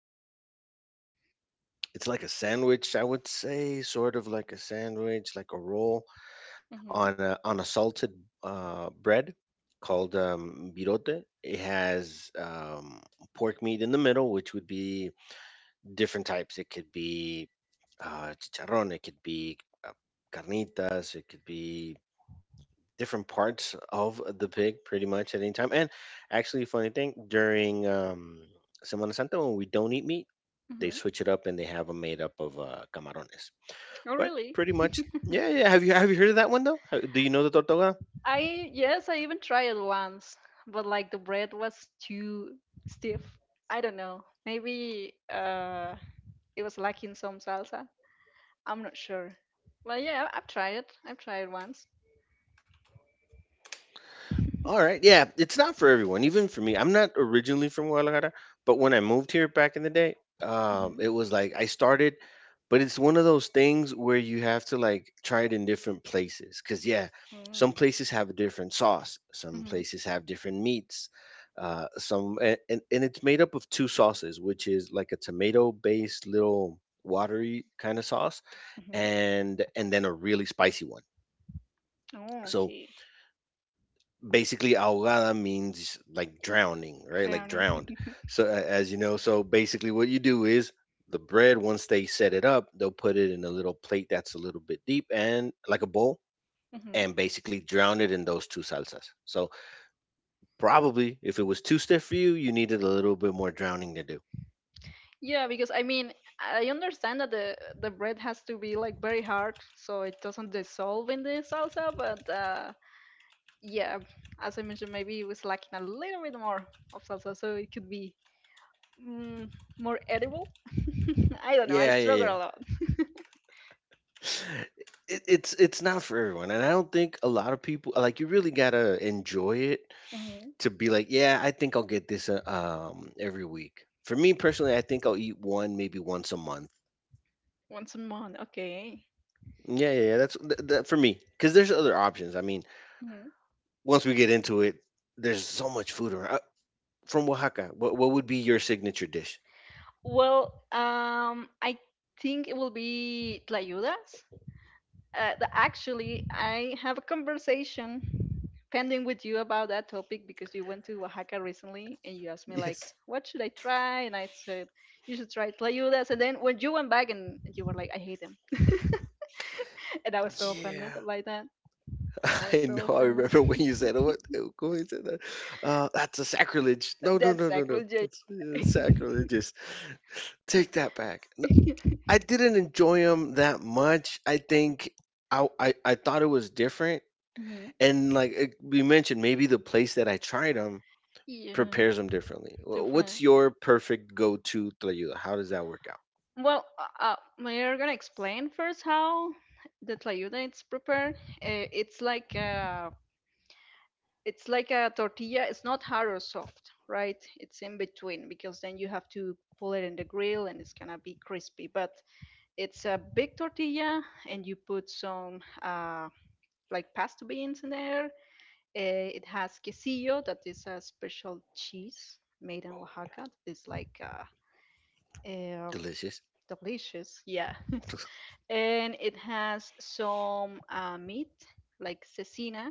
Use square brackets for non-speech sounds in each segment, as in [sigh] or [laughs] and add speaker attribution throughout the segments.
Speaker 1: basically is it's like a sandwich, I would say, sort of like a sandwich, like a roll
Speaker 2: Mhm.
Speaker 1: on a salted bread called birote. It has pork meat in the middle, which would be different types. It could be chicharron, it could be uh, carnitas, it could be different parts of the pig pretty much at any time. And actually, funny thing, during Semana Santa, when we don't eat meat, they
Speaker 2: Mhm.
Speaker 1: switch it up and they have them made up of camarones.
Speaker 2: Oh,
Speaker 1: But
Speaker 2: really?
Speaker 1: pretty much, yeah, yeah. Have you heard of that one though? Do you know the tortuga?
Speaker 2: I yes, I even tried it once, but like the bread was too stiff. I don't know. Maybe it was lacking some salsa. I'm not sure. But yeah, I've tried it. I've tried it once.
Speaker 1: All
Speaker 2: [laughs]
Speaker 1: right. Yeah, it's not for everyone, even for me. I'm not originally from Guadalajara, but when I moved here back in the day,
Speaker 2: Mhm.
Speaker 1: it was like I started, but it's one of those things where you have to like try it in different places. Cause yeah, some
Speaker 2: Mm.
Speaker 1: places have a different sauce, some
Speaker 2: Mhm.
Speaker 1: places have different meats. Some and it's made up of two sauces, which is like a tomato based little watery kind of sauce
Speaker 2: Mhm.
Speaker 1: and then a really spicy one.
Speaker 2: Oh,
Speaker 1: So
Speaker 2: okay.
Speaker 1: basically ahogada means like drowning, right, like
Speaker 2: Drowning.
Speaker 1: drowned, so as you know. So basically what you do is the bread, once they set it up, they'll put it in a little plate that's a little bit deep, and like a bowl,
Speaker 2: [laughs]
Speaker 1: and basically drown it in those two salsas. So probably if it was too stiff for you, you needed a little bit more drowning to do.
Speaker 2: Yeah, because I mean, I understand that the bread has to be like very hard so it doesn't dissolve in the salsa, but yeah, as I mentioned, maybe it was lacking a little bit more of salsa, so it could be mm, more edible. [laughs] I don't know. I
Speaker 1: Yeah, yeah,
Speaker 2: struggle
Speaker 1: yeah.
Speaker 2: a lot.
Speaker 1: [sighs] It's not for everyone, and I don't think a lot of people, like, you really gotta enjoy it
Speaker 2: Hmm.
Speaker 1: to be like, yeah, I think I'll get this every week. For me personally, I think I'll eat one maybe once a month.
Speaker 2: Once a month, okay.
Speaker 1: Yeah, yeah, yeah. That for me, because there's other options. I mean,
Speaker 2: Hmm.
Speaker 1: once we get into it, there's so much food around. From Oaxaca, what would be your signature dish?
Speaker 2: Well, I think it will be tlayudas. Actually, I have a conversation pending with you about that topic because you went to Oaxaca recently and you asked me like,
Speaker 1: Yes.
Speaker 2: what should I try? And I said, you should try tlayudas. And then when you went back and you were like, I hate them. [laughs] And I was so offended
Speaker 1: Yeah,
Speaker 2: by that. I
Speaker 1: [laughs]
Speaker 2: was
Speaker 1: I
Speaker 2: so
Speaker 1: know. I
Speaker 2: offended.
Speaker 1: remember when you said, "What? When you said that, that's a sacrilege." No,
Speaker 2: [laughs]
Speaker 1: no,
Speaker 2: That's
Speaker 1: no, no, no.
Speaker 2: sacrilege.
Speaker 1: That's
Speaker 2: [laughs]
Speaker 1: sacrilegious. Take that back. I didn't enjoy them that much. I think I thought it was different,
Speaker 2: Mhm.
Speaker 1: and like, it- we mentioned, maybe the place that I tried them
Speaker 2: Yeah,
Speaker 1: prepares them differently. What's
Speaker 2: different.
Speaker 1: your perfect go-to tlayuda? How does that work out?
Speaker 2: Well, we're gonna explain first how the tlayuda is prepared. Uh, it's like a, it's like a tortilla. It's not hard or soft, right? It's in between because then you have to pull it in the grill and it's gonna be crispy. But it's a big tortilla and you put some like pasta beans in there. It has quesillo, that is a special cheese made in Oaxaca. That is like eh, um,
Speaker 1: Delicious.
Speaker 2: delicious. Yeah, and it has some meat like cecina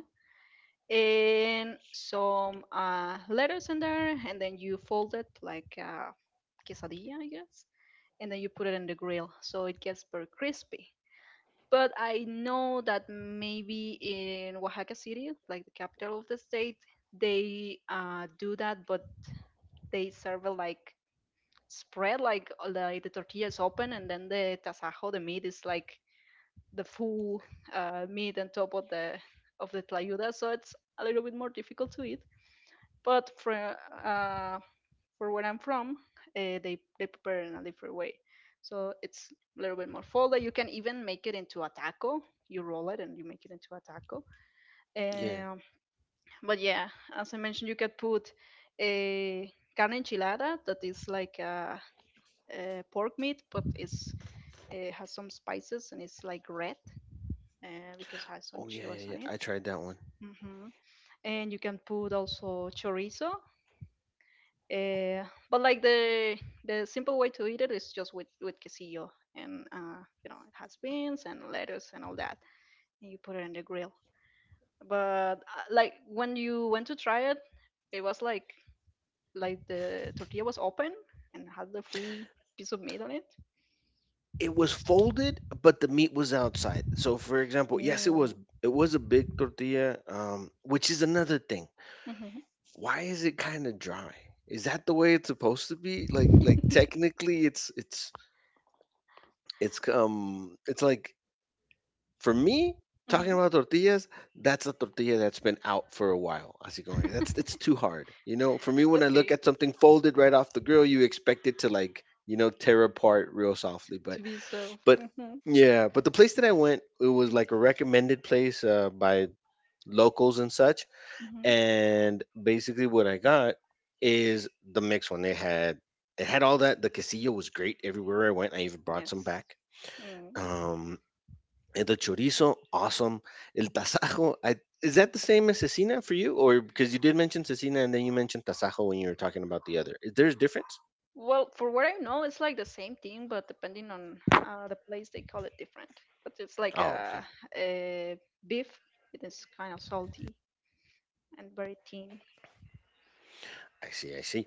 Speaker 2: and some letters in there, and then you fold it like quesadilla, I guess, and then you put it in the grill so it gets very crispy. But I know that maybe in Oaxaca city, like the capital of the state, they do that, but they serve it like spread, like the tortilla is open, and then the tasajo, the meat, is like the full meat on top of the tlayuda, so it's a little bit more difficult to eat. But for where I'm from, they prepare it in a different way, so it's a little bit more folded. You can even make it into a taco. You roll it and you make it into a taco.
Speaker 1: Yeah.
Speaker 2: Um, but yeah, as I mentioned, you could put a carne enchilada, that is like a pork meat, but it has some spices and it's like red, uh, because it has some
Speaker 1: Oh yeah, yeah,
Speaker 2: chilies
Speaker 1: yeah.
Speaker 2: on it.
Speaker 1: I tried that one.
Speaker 2: Hmm. And you can put also chorizo. But like the simple way to eat it is just with quesillo and you know it has beans and lettuce and all that, and you put it in the grill. But like when you went to try it, it was like the tortilla was open and had the full piece of meat on it.
Speaker 1: It was folded, but the meat was outside. So, for example, yes, it was
Speaker 2: Mm.
Speaker 1: it was a big tortilla, which is another thing.
Speaker 2: Mm-hmm.
Speaker 1: Why is it kind of dry? Is that the way it's supposed to be? Like technically, it's like, for me, talking
Speaker 2: Mm-hmm.
Speaker 1: about tortillas. That's a tortilla that's been out for a while. Así como que that's it's too hard. You know, for me,
Speaker 2: [laughs]
Speaker 1: when I look
Speaker 2: Okay,
Speaker 1: at something folded right off the grill, you expect it to, like, tear apart real softly. But
Speaker 2: to be served.
Speaker 1: but
Speaker 2: Mm-hmm.
Speaker 1: yeah, but the place that I went, it was like a recommended place by locals and such.
Speaker 2: Mm-hmm.
Speaker 1: And basically, what I got is the mixed one. They had it had all that. The quesillo was great everywhere I went. I even brought some
Speaker 2: Yes.
Speaker 1: back.
Speaker 2: Mm.
Speaker 1: Um, and the chorizo, awesome. El tasajo, is that the same as cecina for you? Or, because you did mention cecina and then you mentioned tasajo when you were talking about the other. Is there a difference?
Speaker 2: Well, for what I know, it's like the same thing, but depending on the place, they call it different. But it's like
Speaker 1: Oh, okay.
Speaker 2: a beef. It is kind of salty and very thin.
Speaker 1: I see, I see.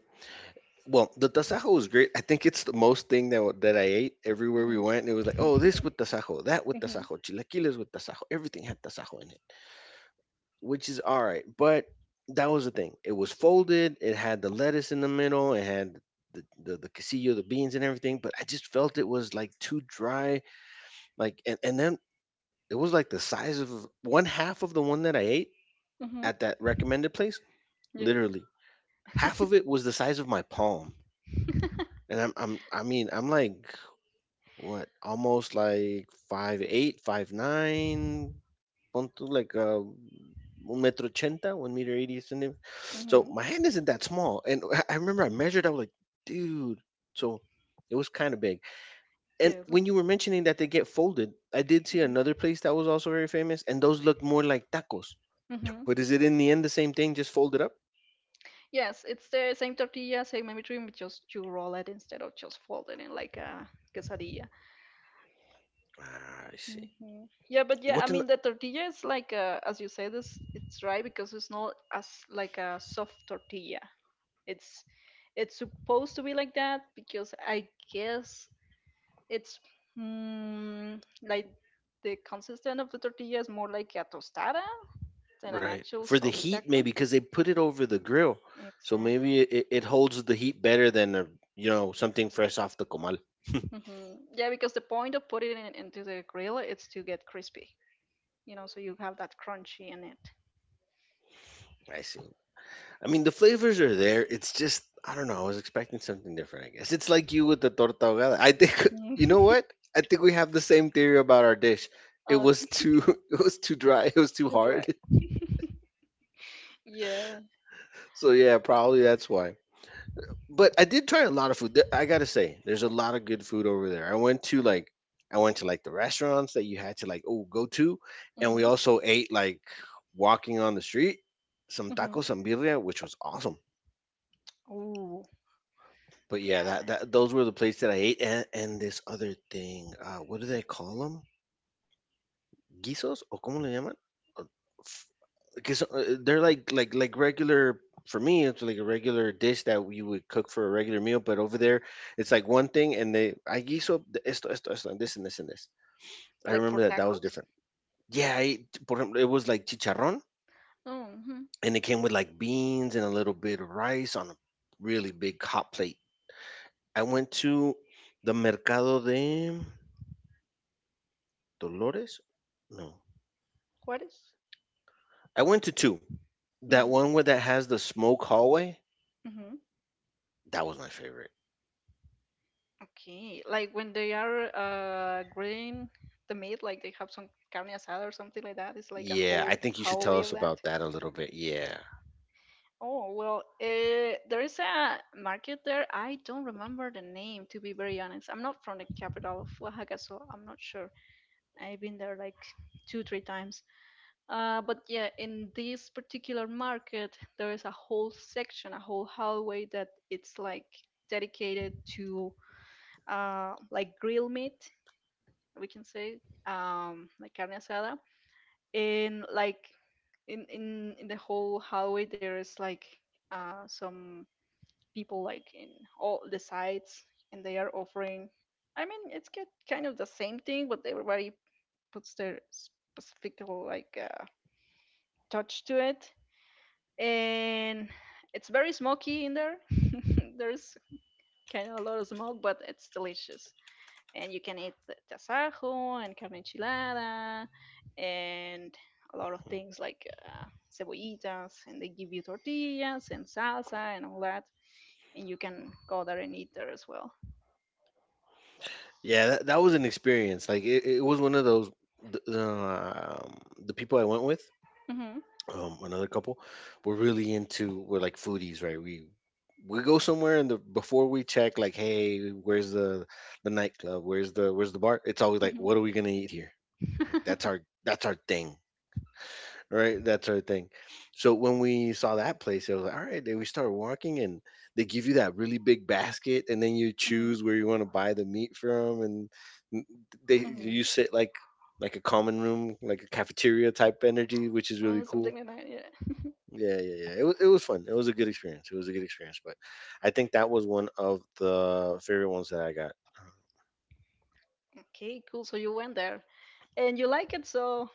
Speaker 1: Well, the tasajo was great. I think it's the most thing that that I ate everywhere we
Speaker 2: Hmm.
Speaker 1: went. It was like, oh, this with
Speaker 2: [laughs]
Speaker 1: tasajo, that with
Speaker 2: Hmm.
Speaker 1: tasajo, chilaquiles with tasajo. Everything had tasajo in it, which is all right. But that was the thing. It was folded. It had the lettuce in the middle. It had the quesillo, the beans, and everything. But I just felt it was like too dry. Like and then it was like the size of one half of the one that I ate
Speaker 2: Hmm.
Speaker 1: at that recommended place.
Speaker 2: Yes.
Speaker 1: Literally, half
Speaker 2: [laughs]
Speaker 1: of it was the size of my palm. And I mean, I'm like, what, almost like 5'8", 5'9". Pon tú like un metro ochenta, 1 meter 80 centimeters. So
Speaker 2: Hmm.
Speaker 1: my hand isn't that small. And I remember, I measured. I was like, dude. So it was kind of big. And
Speaker 2: Yes. It's
Speaker 1: when
Speaker 2: big.
Speaker 1: you were mentioning that they get folded, I did see
Speaker 2: Hmm.
Speaker 1: another place that was also very famous, and those look more like tacos.
Speaker 2: Hmm.
Speaker 1: But is it in the end the same thing, just folded up?
Speaker 2: Yes, it's the same tortilla, same everything, but just you roll it instead of just fold it in like a quesadilla.
Speaker 1: Ah, I see.
Speaker 2: Hmm. Yeah, but yeah, I
Speaker 1: What, an
Speaker 2: mean the tortilla is like as you said, it's right, because it's not as like a soft tortilla. It's it's supposed to be like that because I guess it's, like the consistent of the tortilla is more like a tostada than an
Speaker 1: right
Speaker 2: actual
Speaker 1: for the
Speaker 2: soft
Speaker 1: heat?
Speaker 2: taco.
Speaker 1: Maybe because they put it over the grill, so
Speaker 2: Exactly.
Speaker 1: maybe it holds the heat better than a, you know, something fresh off the comal.
Speaker 2: Hmm. Yeah, because the point of putting it into the grill is to get crispy, so you have that crunchy in it. [laughs]
Speaker 1: I see. I mean, the flavors are there. It's just, I don't know. I was expecting something different. I guess it's like you with the torta ahogada. I think, [laughs] you know
Speaker 2: Mhm.
Speaker 1: what? I think we have the same theory about our dish. It
Speaker 2: uh,
Speaker 1: was too, [laughs] it was too dry. It was too
Speaker 2: that's right.
Speaker 1: hard. [laughs]
Speaker 2: [laughs] Yeah.
Speaker 1: So yeah, probably that's why. But I did try a lot of food. There- I gotta say, there's a lot of good food over there. I went to like the restaurants that you had to, like, oh, go to, and we
Speaker 2: Mm-hmm.
Speaker 1: also ate like walking on the street some
Speaker 2: Mm-hmm.
Speaker 1: tacos and birria, which was awesome.
Speaker 2: Oh,
Speaker 1: But yeah,
Speaker 2: yeah.
Speaker 1: that those were the plates that I ate, and this other thing. What do they call them? Guisos? ¿O cómo le llaman? F- they're like regular. For me, it's like a regular dish that you would cook for a regular meal, but over there, it's like one thing, and they, I guiso de esto esto esto, and this and this and this. I
Speaker 2: Like for
Speaker 1: remember that that was
Speaker 2: tacos?
Speaker 1: different. Yeah, I ate, por ejemplo, it was like chicharrón,
Speaker 2: Oh, mhm.
Speaker 1: and it came with like beans and a little bit of rice on a really big hot plate. I went to the Mercado de Dolores? No.
Speaker 2: What is?
Speaker 1: I went to two. That
Speaker 2: Mm-hmm.
Speaker 1: one where that has the smoke hallway,
Speaker 2: Mm-hmm.
Speaker 1: that was my favorite.
Speaker 2: Okay. Like when they are grilling the meat, like they have some carne asada or something like that. It's like a
Speaker 1: Yeah, I
Speaker 2: whole
Speaker 1: think you should
Speaker 2: whole
Speaker 1: tell
Speaker 2: way
Speaker 1: us
Speaker 2: of that.
Speaker 1: about that a little bit. Yeah.
Speaker 2: Oh, well, there is a market there. I don't remember the name, to be very honest. I'm not from the capital of Oaxaca, so I'm not sure. I've been there like 2 or 3 times. But yeah, in this particular market, there is a whole section, a whole hallway that it's like dedicated to like grill meat, we can say, like carne asada. And like in the whole hallway, there is like some people like in all the sides, and they are offering. I mean, it's get kind of the same thing, but everybody puts their specific like touch to it, and it's very smoky in there. [laughs] There's kind of a lot of smoke, but it's delicious. And you can eat the tasajo and carne enchilada and a lot of things like cebollitas, and they give you tortillas and salsa and all that. And you can go there and eat there as well.
Speaker 1: Yeah, that was an experience. Like, it was one of those, the, the, um, the people I went with,
Speaker 2: Hmm.
Speaker 1: another couple, were really into, we're like foodies, right? We go somewhere and, the, before we check like, hey, where's the, nightclub? Where's the bar? It's always like,
Speaker 2: Hmm.
Speaker 1: what are we gonna eat here? Like,
Speaker 2: Hmm.
Speaker 1: that's our thing. Right? That sort of thing. So when we saw that place, it was like, all right, then we started walking and they give you that really big basket and then you choose where you want to buy the meat from, and they you
Speaker 2: Hmm. [laughs]
Speaker 1: sit like, a common room, like a cafeteria type energy, which is really
Speaker 2: Oh,
Speaker 1: cool.
Speaker 2: something like that, yeah.
Speaker 1: Yeah, yeah, yeah. It was fun. It was a good experience. It was a good experience, but I think that was one of the favorite ones that I got.
Speaker 2: [laughs] Okay, cool. So you went there and you like it, so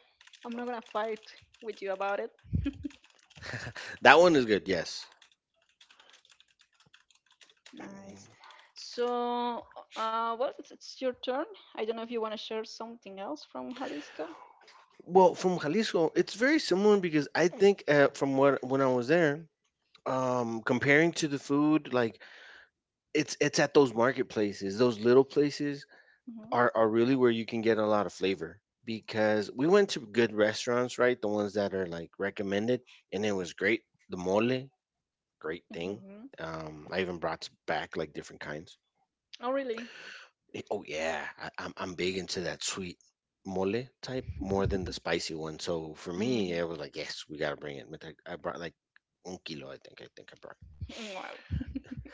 Speaker 2: I'm not gonna fight with you about it. [laughs]
Speaker 1: That one is good, yes.
Speaker 2: Nice. So, well, it's your turn. I don't know if you want to share something else from Jalisco.
Speaker 1: Well, from Jalisco, it's very similar, because I think from what when I was there, comparing to the food, like, it's at those marketplaces, those little places
Speaker 2: Hmm.
Speaker 1: are really where you can get a lot of flavor. Because we went to good restaurants, right, the ones that are like recommended, and it was great, the mole, great thing.
Speaker 2: Hmm.
Speaker 1: I even brought back like different kinds.
Speaker 2: Oh, really?
Speaker 1: Eh, oh yeah, I'm big into that sweet mole type more than the spicy one, so for me
Speaker 2: Hmm.
Speaker 1: it was like, yes, we gotta bring it. But I brought like un kilo, I think I brought.
Speaker 2: Wow. [laughs]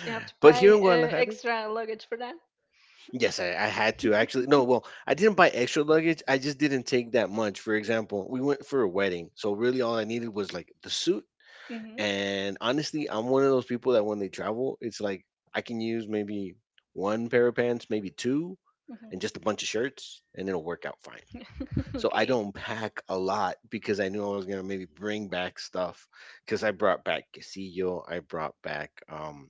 Speaker 2: You have to
Speaker 1: But here
Speaker 2: pay
Speaker 1: in Guadalajara,
Speaker 2: extra luggage for that.
Speaker 1: yes, I had to, actually. No, well,
Speaker 2: [laughs]
Speaker 1: I didn't buy extra luggage. I just didn't take that much. For example, we went for a wedding. So really all I needed was like the suit.
Speaker 2: Hmm.
Speaker 1: And honestly, I'm one of those people that when they travel, it's like I can use maybe one pair of pants, maybe two,
Speaker 2: Hmm.
Speaker 1: and just a bunch of shirts, and it'll work out fine.
Speaker 2: [laughs]
Speaker 1: So I
Speaker 2: Okay.
Speaker 1: don't pack a lot because I knew I was gonna maybe bring back stuff. Because I brought back quesillo, I brought back um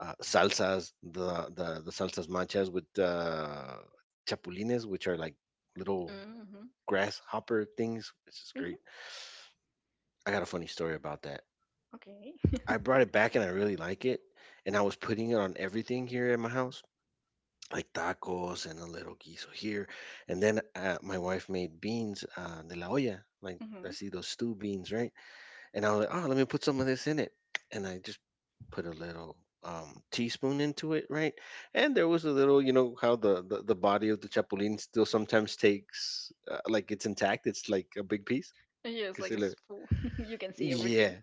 Speaker 1: uh, salsas, the salsas manchas with chapulines, which are like little
Speaker 2: Hmm.
Speaker 1: grasshopper things. This is
Speaker 2: Hmm.
Speaker 1: great. I got a funny story about that.
Speaker 2: Okay.
Speaker 1: I
Speaker 2: [laughs]
Speaker 1: brought it back and I really like it, and I was putting it on everything here at my house, like tacos and a little guiso here, and then my wife made beans de la olla, like I
Speaker 2: Hmm.
Speaker 1: see those stew beans, right? And I was like, oh, let me put some of this in it, and I just put a little teaspoon into it, right? And there was a little, you know how the body of the chapulín still sometimes takes like, it's intact, it's like a big piece
Speaker 2: Yes, like
Speaker 1: because,
Speaker 2: it's full. [laughs] You can see
Speaker 1: yeah,
Speaker 2: everything,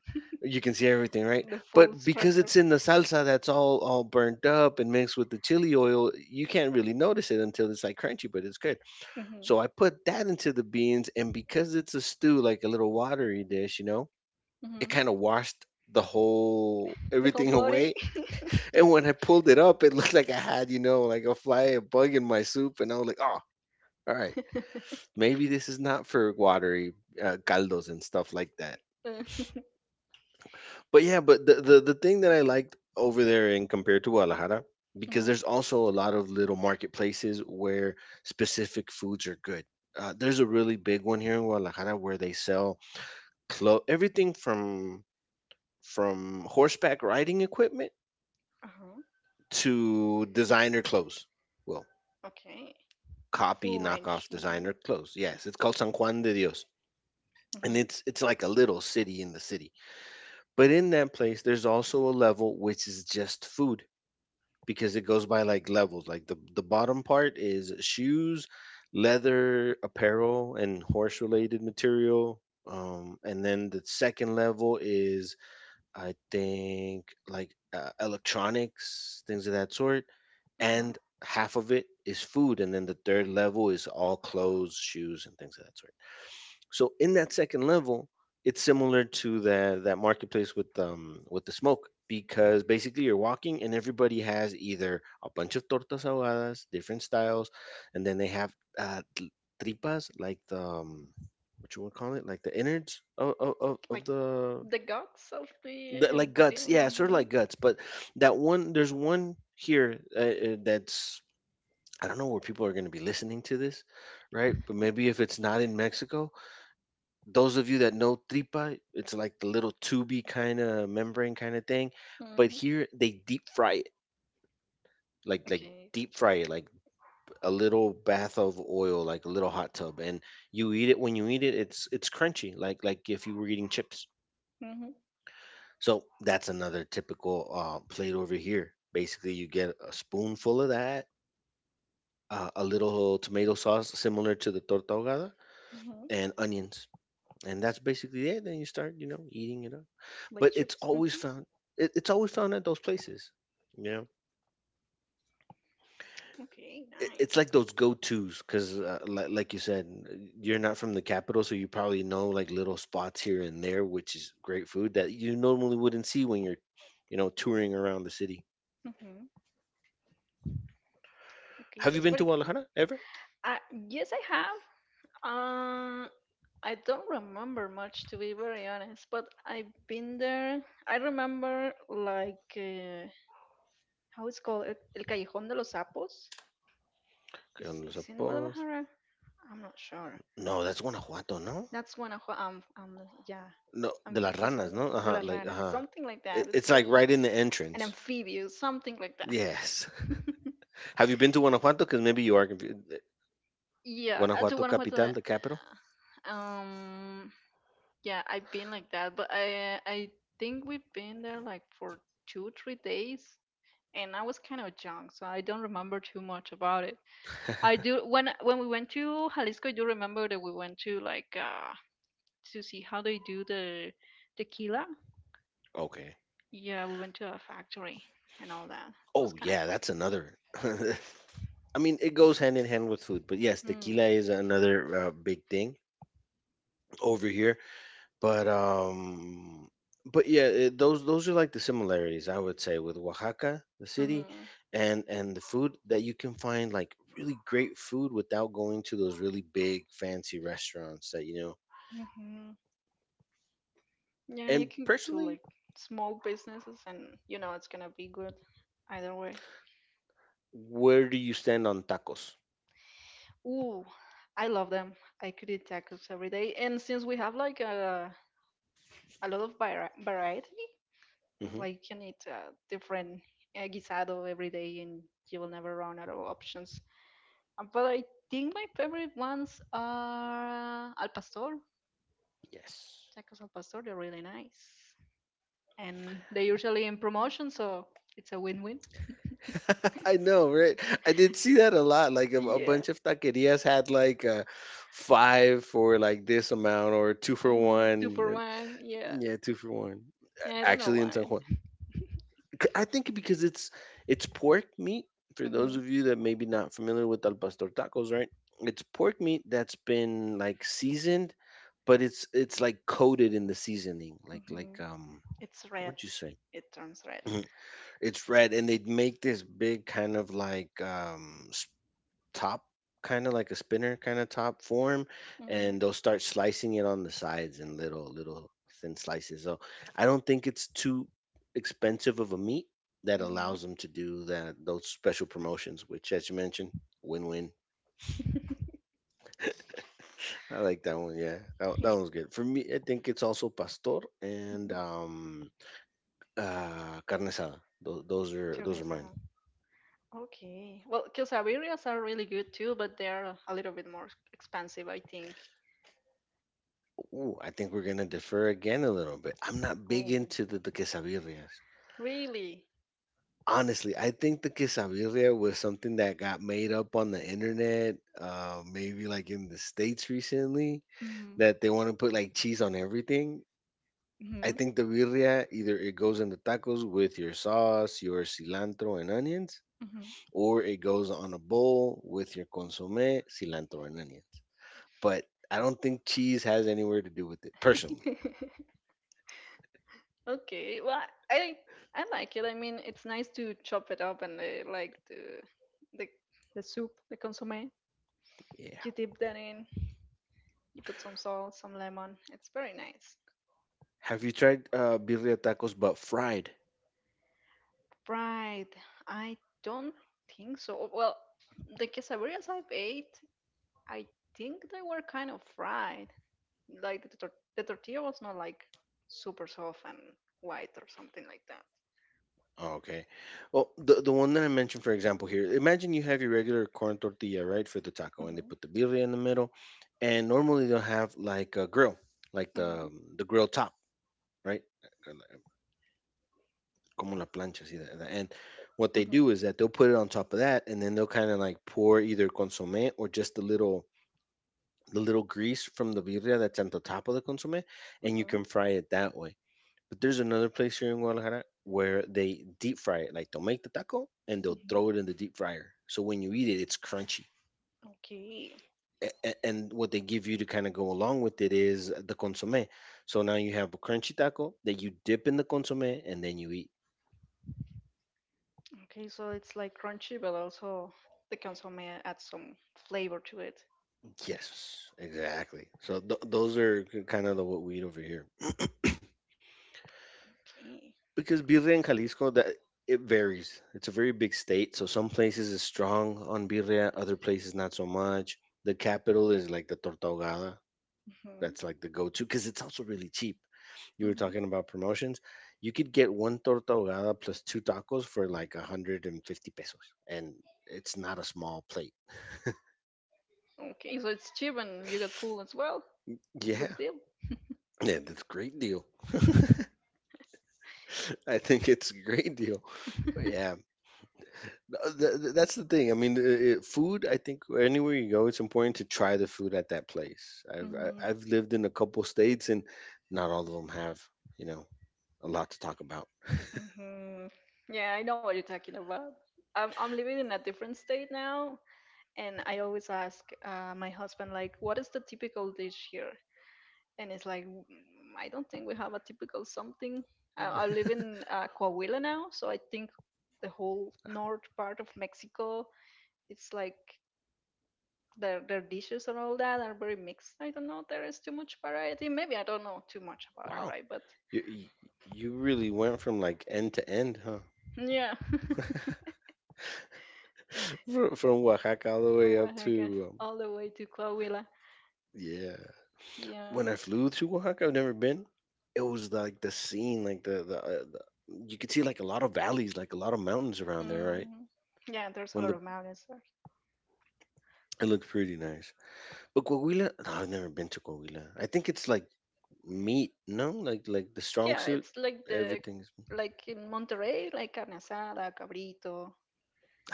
Speaker 1: you can see everything, right?
Speaker 2: the full
Speaker 1: But because
Speaker 2: structure.
Speaker 1: it's in the
Speaker 2: Yeah.
Speaker 1: salsa that's all burnt up and mixed with the chili oil, you can't really notice it until it's like crunchy, but it's good.
Speaker 2: Hmm.
Speaker 1: So I put that into the beans, and because it's a stew, like a little watery dish, you know, it
Speaker 2: Hmm.
Speaker 1: kind of washed the whole
Speaker 2: The whole
Speaker 1: everything [laughs] away.
Speaker 2: body. [laughs]
Speaker 1: And when I pulled it up, it [laughs] looked like I had, you know, like a fly, a bug in my soup. And I was like, oh, all right, maybe this is not for watery caldos and stuff like that.
Speaker 2: Uh,
Speaker 1: But yeah, but the thing that I liked over there in compared to Guadalajara, because
Speaker 2: mhm.
Speaker 1: there's also a lot of little marketplaces where specific foods are good. There's a really big one here in Guadalajara where they sell everything from horseback riding equipment
Speaker 2: Uh-huh.
Speaker 1: to designer clothes. Well,
Speaker 2: Okay.
Speaker 1: copy
Speaker 2: Full
Speaker 1: knockoff
Speaker 2: range. Mm-hmm.
Speaker 1: designer clothes. Yes, it's called San Juan de Dios. And
Speaker 2: Mm-hmm.
Speaker 1: it's like a little city in the city. But in that place there's also a level which is just food, because it goes by like levels. Like the bottom part is shoes, leather, apparel and horse related material. And then the second level is, I think, like electronics, things of that sort,
Speaker 2: Mm-hmm.
Speaker 1: and half of it is food, and then the third level is all clothes, shoes, and things of that sort. So in that second level, it's similar to the that marketplace with the smoke, because basically you're walking and everybody has either a bunch of tortas ahogadas, different styles, and then they have uh, tl- tripas, like the what you want to call it, like the innards of of, of
Speaker 2: Like
Speaker 1: of the
Speaker 2: the guts of the.
Speaker 1: Like guts, yeah, sort of
Speaker 2: Mm-hmm.
Speaker 1: like guts. But that one, there's one here that's, I don't know where people are going to be listening to this, right? But maybe if it's not in Mexico, those of you that know tripa, it's like the little tubey kind of membrane kind of thing. But
Speaker 2: Mm-hmm.
Speaker 1: here they deep fry it, like
Speaker 2: Okay.
Speaker 1: deep fry it, like a little bath of oil, like a little hot tub, and you eat it. When you eat it, it's crunchy, like if you were eating chips.
Speaker 2: Mm-hmm.
Speaker 1: So that's another typical plate over here. Basically, you get a spoonful of that, a little tomato sauce similar to the torta ahogada,
Speaker 2: Mm-hmm.
Speaker 1: and onions, and that's basically it. Then you start, you know, eating it up.
Speaker 2: Like
Speaker 1: But it's
Speaker 2: chips.
Speaker 1: always
Speaker 2: Mm-hmm.
Speaker 1: found. It's always found at those places. You know,
Speaker 2: Okay.
Speaker 1: it's
Speaker 2: Nice.
Speaker 1: like those go-to's because, like you said, you're not from the capital, so you probably know like little spots here and there, which is great food that you normally wouldn't see when you're, you know, touring around the city.
Speaker 2: Mm-hmm. Okay.
Speaker 1: Have you
Speaker 2: That's
Speaker 1: been to
Speaker 2: very.
Speaker 1: Guadalajara ever?
Speaker 2: Uh, yes, I have. Uh, I don't remember much, to be very honest, but I've been there. I remember like how it's called El Callejón de los Sapos.
Speaker 1: Que
Speaker 2: Is
Speaker 1: cuando los
Speaker 2: is in
Speaker 1: sapos.
Speaker 2: Guadalajara? I'm not sure.
Speaker 1: No, that's Guanajuato, ¿no?
Speaker 2: That's one of yeah.
Speaker 1: No,
Speaker 2: I'm
Speaker 1: de las
Speaker 2: confused with
Speaker 1: ranas,
Speaker 2: it.
Speaker 1: ¿no?
Speaker 2: De la
Speaker 1: Ajá, like,
Speaker 2: rana,
Speaker 1: ajá.
Speaker 2: something like
Speaker 1: It,
Speaker 2: that.
Speaker 1: it's
Speaker 2: It's
Speaker 1: like right in the
Speaker 2: an
Speaker 1: entrance.
Speaker 2: amphibious, something like that.
Speaker 1: Yes.
Speaker 2: [laughs]
Speaker 1: [laughs] Have you been to Guanajuato? Because maybe you are confused.
Speaker 2: Yeah, I do
Speaker 1: Guanajuato
Speaker 2: want to,
Speaker 1: capital, the capital?
Speaker 2: um yeah. I've been like that, but I think we've been there like for 2 or 3 days. And I was kind of young, so I don't remember too much about it. I
Speaker 1: [laughs]
Speaker 2: do when we went to Jalisco. I do remember that we went to like to see how they do the tequila.
Speaker 1: Okay.
Speaker 2: Yeah, we went to a factory and all that. It was
Speaker 1: Oh,
Speaker 2: kind of
Speaker 1: yeah,
Speaker 2: cool.
Speaker 1: that's another. [laughs] I mean, it goes hand in hand with food, but yes,
Speaker 2: Mm.
Speaker 1: tequila is another big thing over here. But um but yeah, it, those are like the similarities I would say with Oaxaca, the city,
Speaker 2: Mm-hmm.
Speaker 1: and the food that you can find, like really great food without going to those really big fancy restaurants that you know.
Speaker 2: Mm-hmm. Yeah, you
Speaker 1: And
Speaker 2: can go to
Speaker 1: personally,
Speaker 2: like small businesses, and you know it's gonna be good either way.
Speaker 1: where do you stand on tacos?
Speaker 2: Ooh, I love them. I could eat tacos every day. And since we have like a lot of variety, it's
Speaker 1: Hmm.
Speaker 2: like you can eat a different guisado every day and you will never run out of options. But I think my favorite ones are al pastor.
Speaker 1: Yes.
Speaker 2: Tacos al pastor, they're really nice. And they're usually in promotion, so it's a win win. [laughs]
Speaker 1: [laughs] I know, right? I did see that a lot. Like a
Speaker 2: Yeah.
Speaker 1: bunch of taquerias had like five for like this amount or two for
Speaker 2: Hmm. Two
Speaker 1: one.
Speaker 2: for
Speaker 1: And
Speaker 2: one. Yeah.
Speaker 1: Yeah, two for one.
Speaker 2: Yeah, I don't know
Speaker 1: Actually, in
Speaker 2: why.
Speaker 1: San Juan. I think because it's pork meat. For those
Speaker 2: Hmm.
Speaker 1: of you that maybe not familiar with al pastor tacos, right? It's pork meat that's been like seasoned, but it's like coated in the seasoning. Like
Speaker 2: Hmm. It's
Speaker 1: how
Speaker 2: red.
Speaker 1: would you say?
Speaker 2: It turns red.
Speaker 1: [clears throat] It's red, and they make this big kind of like top, kind of like a spinner kind of top form,
Speaker 2: Mm-hmm.
Speaker 1: and they'll start slicing it on the sides in little thin slices. So I don't think it's too expensive of a meat, that
Speaker 2: Mm-hmm.
Speaker 1: allows them to do that those special promotions, which, as you mentioned, win-win.
Speaker 2: [laughs]
Speaker 1: I like that one. Yeah, that
Speaker 2: Yeah.
Speaker 1: one's good for me. I think it's also pastor and
Speaker 2: Mhm.
Speaker 1: carne asada. Those are mine.
Speaker 2: Shogun-san. Okay. Well, quesadillas are really good too, but they're a little bit more expensive, I think.
Speaker 1: Ooh, I think we're gonna defer again a little bit. I'm not big
Speaker 2: Oh.
Speaker 1: into the quesadillas.
Speaker 2: Really?
Speaker 1: Honestly, I think the quesadilla was something that got made up on the internet, maybe like in the States recently,
Speaker 2: Mm-hmm.
Speaker 1: that they want to put like cheese on everything. I
Speaker 2: Mm-hmm.
Speaker 1: think the birria, either it goes in the tacos with your sauce, your cilantro and onions, or it goes on a bowl with your consomme, cilantro and onions. But I don't think cheese has anywhere to do with it, personally.
Speaker 2: Mm-hmm. [laughs] Okay, well, I I like it. I mean, it's nice to chop it up and the like the the soup, the consommé.
Speaker 1: Yeah.
Speaker 2: You dip that in. You put some salt, some lemon. It's very nice.
Speaker 1: Have you tried birria tacos but fried?
Speaker 2: Right. I don't think so. Well, the quesadillas I've ate, I think they were kind of fried. Like the tortilla was not like super soft and white or something like that.
Speaker 1: Oh, okay. Well, the one that I mentioned, for example, here. Imagine you have your regular corn tortilla, right, for the taco, and
Speaker 2: Mm-hmm.
Speaker 1: they put the birria in the middle, and normally they'll have like a grill, like
Speaker 2: Mm-hmm.
Speaker 1: the grill top, right? Como la plancha, see that. And what they
Speaker 2: Mm-hmm.
Speaker 1: do is that they'll put it on top of that, and then they'll kind of like pour either consommé or just the little grease from the birria that's on the top of the consommé, and you
Speaker 2: Mm-hmm.
Speaker 1: can fry it that way. But there's another place here in Guadalajara where they deep fry it. Like they'll make the taco and they'll
Speaker 2: Mm-hmm.
Speaker 1: throw it in the deep fryer. So when you eat it, it's crunchy.
Speaker 2: Okay.
Speaker 1: And what they give you to kind of go along with it is the consomme. So now you have a crunchy taco that you dip in the consomme and then you eat.
Speaker 2: Okay, so it's like crunchy, but also the consomme adds some flavor to it.
Speaker 1: Yes, exactly. So those are kind of the, what we eat over here.
Speaker 2: Okay.
Speaker 1: Because birria in Jalisco, that it varies. It's a very big state, so some places is strong on birria, other places not so much. The capital is like the torta ahogada.
Speaker 2: Hmm.
Speaker 1: That's like the go-to because it's also really cheap. You were
Speaker 2: Hmm.
Speaker 1: talking about promotions. You could get one torta ahogada plus two tacos for like 150 pesos, and it's not a small plate.
Speaker 2: Okay, so it's cheap and you get full as well. Good
Speaker 1: Yeah,
Speaker 2: deal.
Speaker 1: yeah, that's great deal. [laughs] I think it's a great deal. But yeah,
Speaker 2: [laughs]
Speaker 1: that's the thing. I mean, food. I think anywhere you go, it's important to try the food at that place.
Speaker 2: Hmm.
Speaker 1: I've lived in a couple states, and not all of them have, you know, a lot to talk about.
Speaker 2: Hmm. Yeah, I know what you're talking about. I'm living in a different state now, and I always ask my husband, like, what is the typical dish here? And it's like "Mm, I don't think we have a typical something. I live in Coahuila now, so I think the whole north part of Mexico, it's like their dishes and all that are very mixed. I don't know. There is too much variety. Maybe I don't know too much about it,
Speaker 1: Wow.
Speaker 2: right? But
Speaker 1: You you you really went from like end to end, huh?
Speaker 2: yeah,
Speaker 1: From Oaxaca all the
Speaker 2: [laughs]
Speaker 1: way
Speaker 2: from
Speaker 1: up
Speaker 2: Oaxaca
Speaker 1: to
Speaker 2: all the way to Coahuila.
Speaker 1: yeah. When
Speaker 2: Yeah,
Speaker 1: I flew to Oaxaca, I've never been. It was like the scene, like the you could see like a lot of valleys, like a lot of mountains around there, right?
Speaker 2: mm, yeah. There's a
Speaker 1: When
Speaker 2: lot
Speaker 1: the
Speaker 2: of mountains there.
Speaker 1: it looked pretty nice. But Coahuila, no, I've never been to Coahuila. I think it's like meat, no? Like the strong
Speaker 2: Yeah,
Speaker 1: suit.
Speaker 2: it's like the
Speaker 1: Everything's,
Speaker 2: like in Monterrey, like carne asada, cabrito,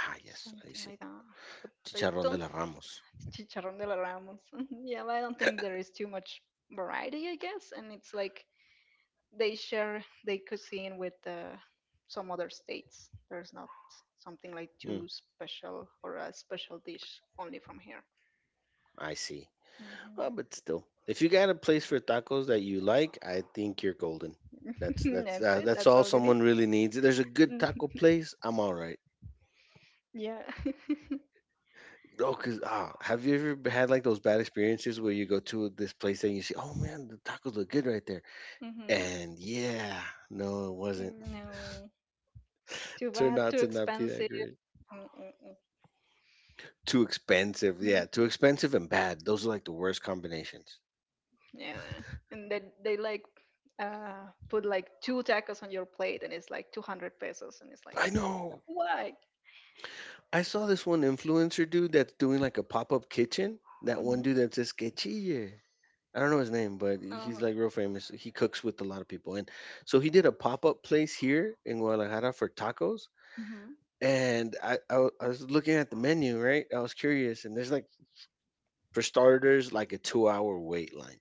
Speaker 1: ah, yes, I
Speaker 2: something
Speaker 1: see.
Speaker 2: like that. But I
Speaker 1: Chicharrón de
Speaker 2: don't
Speaker 1: la Ramos.
Speaker 2: f- chicharrón de la Ramos. [laughs] Yeah, but I don't think there is too much variety, I guess. And it's like they share their cuisine with some other states. There's not something like
Speaker 1: Hmm,
Speaker 2: too special or a special dish only from here.
Speaker 1: I see.
Speaker 2: Hmm.
Speaker 1: But still, if you got a place for tacos that you like, I think you're golden.
Speaker 2: [laughs] That's it.
Speaker 1: That's
Speaker 2: That's
Speaker 1: all
Speaker 2: all you need.
Speaker 1: someone really needs. If there's a good taco
Speaker 2: Mhm.
Speaker 1: place, I'm all right.
Speaker 2: Yeah.
Speaker 1: Oh, cause have you ever had like those bad experiences where you go to this place and you see, oh man, the tacos look good right there,
Speaker 2: [laughs] Hmm.
Speaker 1: and yeah, no, it wasn't.
Speaker 2: No.
Speaker 1: [laughs]
Speaker 2: Too
Speaker 1: Turned
Speaker 2: bad.
Speaker 1: out
Speaker 2: Too
Speaker 1: to not be that
Speaker 2: expensive.
Speaker 1: great.
Speaker 2: Mm-mm-mm.
Speaker 1: Too expensive, yeah, too expensive and bad. Those are like the worst combinations.
Speaker 2: Yeah, and they like put like two tacos on your plate, and it's like 200 pesos, and it's like
Speaker 1: I know.
Speaker 2: why?
Speaker 1: I saw this one influencer dude that's doing like a pop up kitchen. That one
Speaker 2: Hmm.
Speaker 1: dude that says quechille. I don't know his name, but he's
Speaker 2: Uh-huh.
Speaker 1: like real famous. He cooks with a lot of people, and so he did a pop up place here in Guadalajara for tacos.
Speaker 2: Hmm.
Speaker 1: And I was looking at the menu, right? I was curious, and there's like, for starters, like a 2-hour wait line.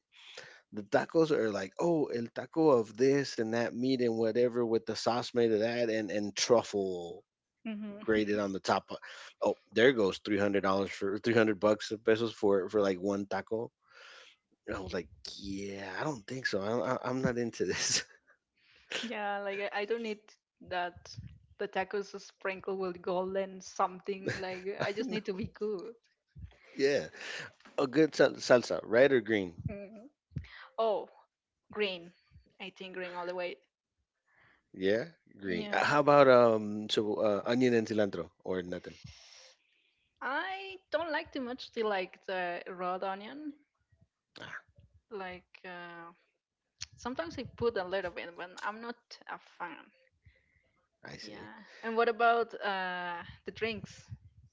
Speaker 1: The tacos are like, oh, el taco of this and that meat and whatever with the sauce made of that and truffle
Speaker 2: Hmm.
Speaker 1: graded on
Speaker 2: [laughs]
Speaker 1: the top. Oh, there goes $300 for 300 bucks, pesos, for like one taco. And I was like, yeah, I don't think so. I don't, I'm not into this.
Speaker 2: Yeah, like I don't need that. The tacos are sprinkled with gold and something. Like
Speaker 1: [laughs] I
Speaker 2: I just
Speaker 1: know.
Speaker 2: need to be good.
Speaker 1: Yeah, a good salsa, red or green?
Speaker 2: Hmm. Oh, green. I think green all the way.
Speaker 1: Yeah, green.
Speaker 2: Yeah.
Speaker 1: How about so onion and cilantro or nothing?
Speaker 2: I don't like too much the like the raw onion. Like sometimes I put a little bit, but I'm not a fan.
Speaker 1: I see.
Speaker 2: Yeah. And what about the drinks?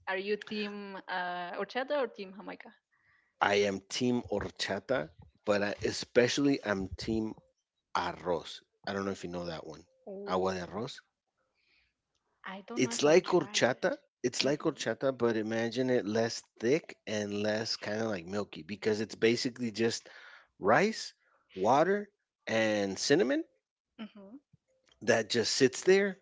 Speaker 2: Are you team horchata or team jamaica?
Speaker 1: I am team horchata, but especially I'm team arroz. I don't know if you know that one. Agua
Speaker 2: Oh,
Speaker 1: de arroz.
Speaker 2: I don't know
Speaker 1: It's
Speaker 2: if I've
Speaker 1: like
Speaker 2: tried.
Speaker 1: horchata. It's like
Speaker 2: Mm-hmm.
Speaker 1: horchata, but imagine it less thick and less kind of like milky because it's basically just rice, water, and cinnamon
Speaker 2: Mm-hmm.
Speaker 1: that just sits there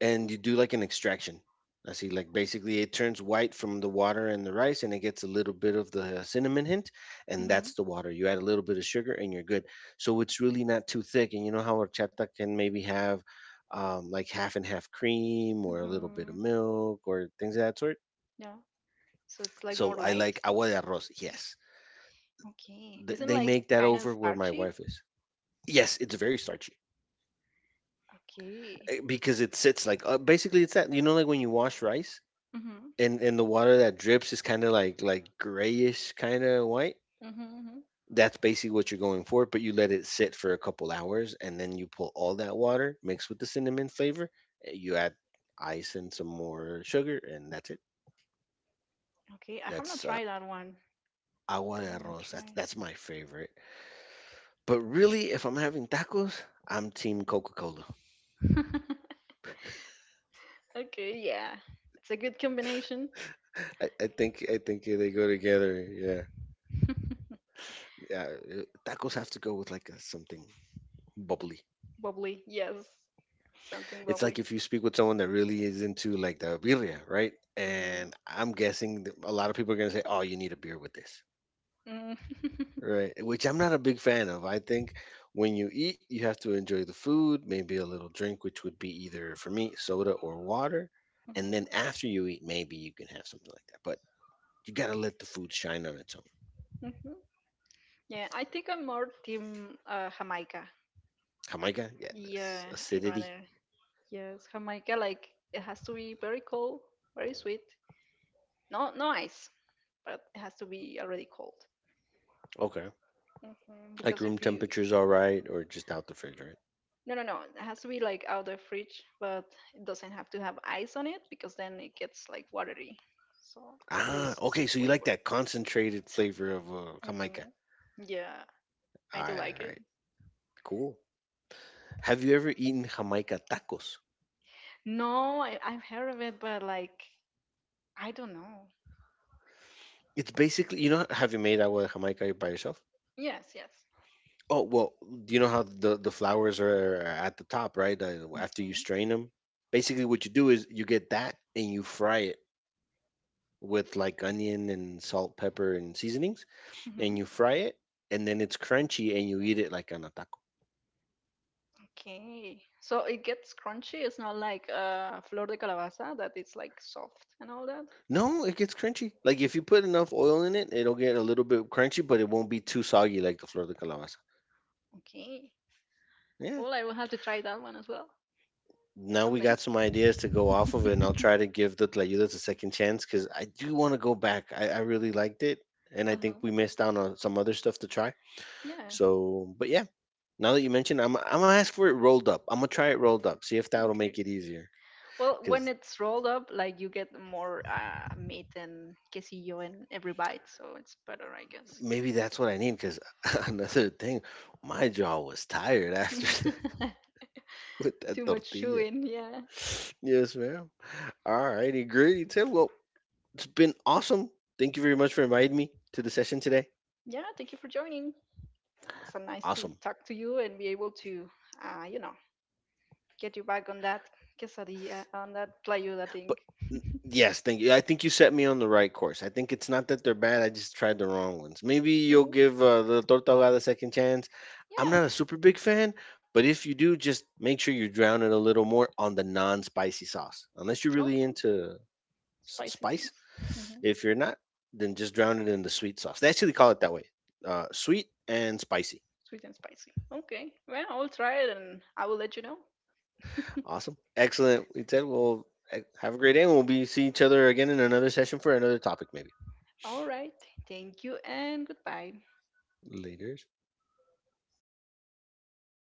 Speaker 1: and you do like an extraction. I see, like basically, it turns white from the water and the rice, and it gets a little bit of the cinnamon hint, and
Speaker 2: Mm-hmm.
Speaker 1: that's the water. You add a little bit of sugar, and you're good. So it's really not too thick. And you know how horchata can maybe have like half and half cream, or a little bit
Speaker 2: Mm-hmm.
Speaker 1: of milk, or things of that sort.
Speaker 2: Yeah. So it's like more
Speaker 1: So I
Speaker 2: light.
Speaker 1: like agua de arroz. Yes,
Speaker 2: Okay.
Speaker 1: Th-
Speaker 2: Isn't
Speaker 1: they
Speaker 2: like
Speaker 1: make that
Speaker 2: kind of
Speaker 1: over where my
Speaker 2: starchy?
Speaker 1: wife is. Yes, it's very starchy,
Speaker 2: Okay.
Speaker 1: because it sits like, basically it's that, you know, like when you wash rice,
Speaker 2: Mm-hmm.
Speaker 1: and the water that drips is kind of like grayish, kind of white.
Speaker 2: Mm-hmm. Mm-hmm.
Speaker 1: That's basically what you're going for, but you let it sit for a couple hours and then you pull all that water mixed with the cinnamon flavor. You add ice and some more sugar, and that's it.
Speaker 2: Okay. I have not
Speaker 1: That's
Speaker 2: tried that one.
Speaker 1: Agua
Speaker 2: I
Speaker 1: de
Speaker 2: have not
Speaker 1: arroz, that's,
Speaker 2: tried.
Speaker 1: that's my favorite. But really, if I'm having tacos, I'm team coca-cola.
Speaker 2: [laughs] Okay. Yeah. It's a good combination.
Speaker 1: I think they go together, yeah,
Speaker 2: [laughs]
Speaker 1: yeah. Tacos have to go with like something bubbly.
Speaker 2: Wobbly, yes. Something
Speaker 1: It's
Speaker 2: wobbly.
Speaker 1: like if you speak with someone that really is into like the birria, right?
Speaker 2: Hmm.
Speaker 1: And I'm guessing that a lot of people are gonna say, "Oh, you need a beer with this,"
Speaker 2: Hmm.
Speaker 1: right? Which I'm not a big fan of. I think when you eat, you have to enjoy the food, maybe a little drink, which would be either for me soda or water, and then
Speaker 2: Hmm.
Speaker 1: after you eat, maybe you can have something like that. But you gotta let the food shine on its own.
Speaker 2: Hmm. [laughs] Yeah, I think I'm more team Jamaica.
Speaker 1: Jamaica, yeah,
Speaker 2: Yeah,
Speaker 1: this
Speaker 2: I'd
Speaker 1: acidity.
Speaker 2: rather. Yes, Jamaica, like, it has to be very cold, very sweet. No, no ice, but it has to be already cold.
Speaker 1: Okay,
Speaker 2: Hmm.
Speaker 1: like
Speaker 2: Because
Speaker 1: room
Speaker 2: if you.
Speaker 1: temperature is all right, or just out the fridge, right?
Speaker 2: No, no, no. It has to be, like, out the fridge, but it doesn't have to have ice on it because then it gets, like, watery. So it
Speaker 1: Ah,
Speaker 2: loses
Speaker 1: okay.
Speaker 2: the
Speaker 1: So you like
Speaker 2: flavor.
Speaker 1: that concentrated flavor of
Speaker 2: Mm.
Speaker 1: Jamaica?
Speaker 2: Yeah. I do like it.
Speaker 1: Alright, cool. Have you ever eaten Jamaica tacos?
Speaker 2: No, I've heard of it, but like, I don't know.
Speaker 1: It's basically, have you made agua de Jamaica by yourself?
Speaker 2: Yes, yes.
Speaker 1: Oh, well, do you know how the flowers are at the top, right? After you
Speaker 2: Hmm.
Speaker 1: strain them? Basically, what you do is you get that and you fry it with like onion and salt, pepper, and seasonings, and
Speaker 2: Hmm.
Speaker 1: you fry it, and then it's crunchy and you eat it like on a taco.
Speaker 2: Okay. So it gets crunchy. It's not like flor de calabaza that it's like soft and all that.
Speaker 1: No, it gets crunchy. Like if you put enough oil in it, it'll get a little bit crunchy, but it won't be too soggy like the flor de calabaza.
Speaker 2: Okay.
Speaker 1: Yeah,
Speaker 2: Well, I will have to try that one as well
Speaker 1: now we
Speaker 2: someday.
Speaker 1: got some ideas to go off of, and I'll try
Speaker 2: [laughs]
Speaker 1: to give the Tlayudas a second chance because I do want to go back. I really liked it, and I think
Speaker 2: Uh-huh.
Speaker 1: we missed out on some other stuff to try.
Speaker 2: Yeah.
Speaker 1: So, but yeah, now that you mentioned, I'm gonna ask for it rolled up. I'm gonna try it rolled up. See if that'll
Speaker 2: Okay.
Speaker 1: make it easier.
Speaker 2: Well, when
Speaker 1: Because
Speaker 2: it's rolled up, like you get more meat and quesillo in every bite, so it's better, I guess.
Speaker 1: maybe that's what I need. Because [laughs] another thing, my jaw was tired after [laughs]
Speaker 2: [laughs]
Speaker 1: with that
Speaker 2: Too much
Speaker 1: tortilla.
Speaker 2: chewing. Yeah.
Speaker 1: Yes, ma'am. All righty, great, Tim. Well, it's been awesome. Thank you very much for inviting me to the session today.
Speaker 2: Yeah. Thank you for joining. It was so nice to
Speaker 1: Awesome.
Speaker 2: talk to you and be able to, you know, get you back on that quesadilla, on that playuda
Speaker 1: But
Speaker 2: thing.
Speaker 1: n yes, thank you. I think you set me on the right course. I think it's not that they're bad, I just tried the wrong ones. Maybe
Speaker 2: Mm,
Speaker 1: you'll give, the torta ahogada a second chance.
Speaker 2: yeah.
Speaker 1: I'm not a super big fan, but if you do, just make sure you drown it a little more on the non-spicy sauce, unless you're really
Speaker 2: Okay.
Speaker 1: into s
Speaker 2: Spicy
Speaker 1: spice.
Speaker 2: things. Hmm.
Speaker 1: If you're not, then just drown it in the sweet sauce. They actually call it that way, sweet and spicy.
Speaker 2: Sweet and spicy. Okay. Well, I'll try it and I will let you know. [laughs]
Speaker 1: Awesome. Excellent. We said, well, have a great day, and we'll be see each other again in another session for another topic maybe.
Speaker 2: All right. Thank you and goodbye.
Speaker 1: Laters.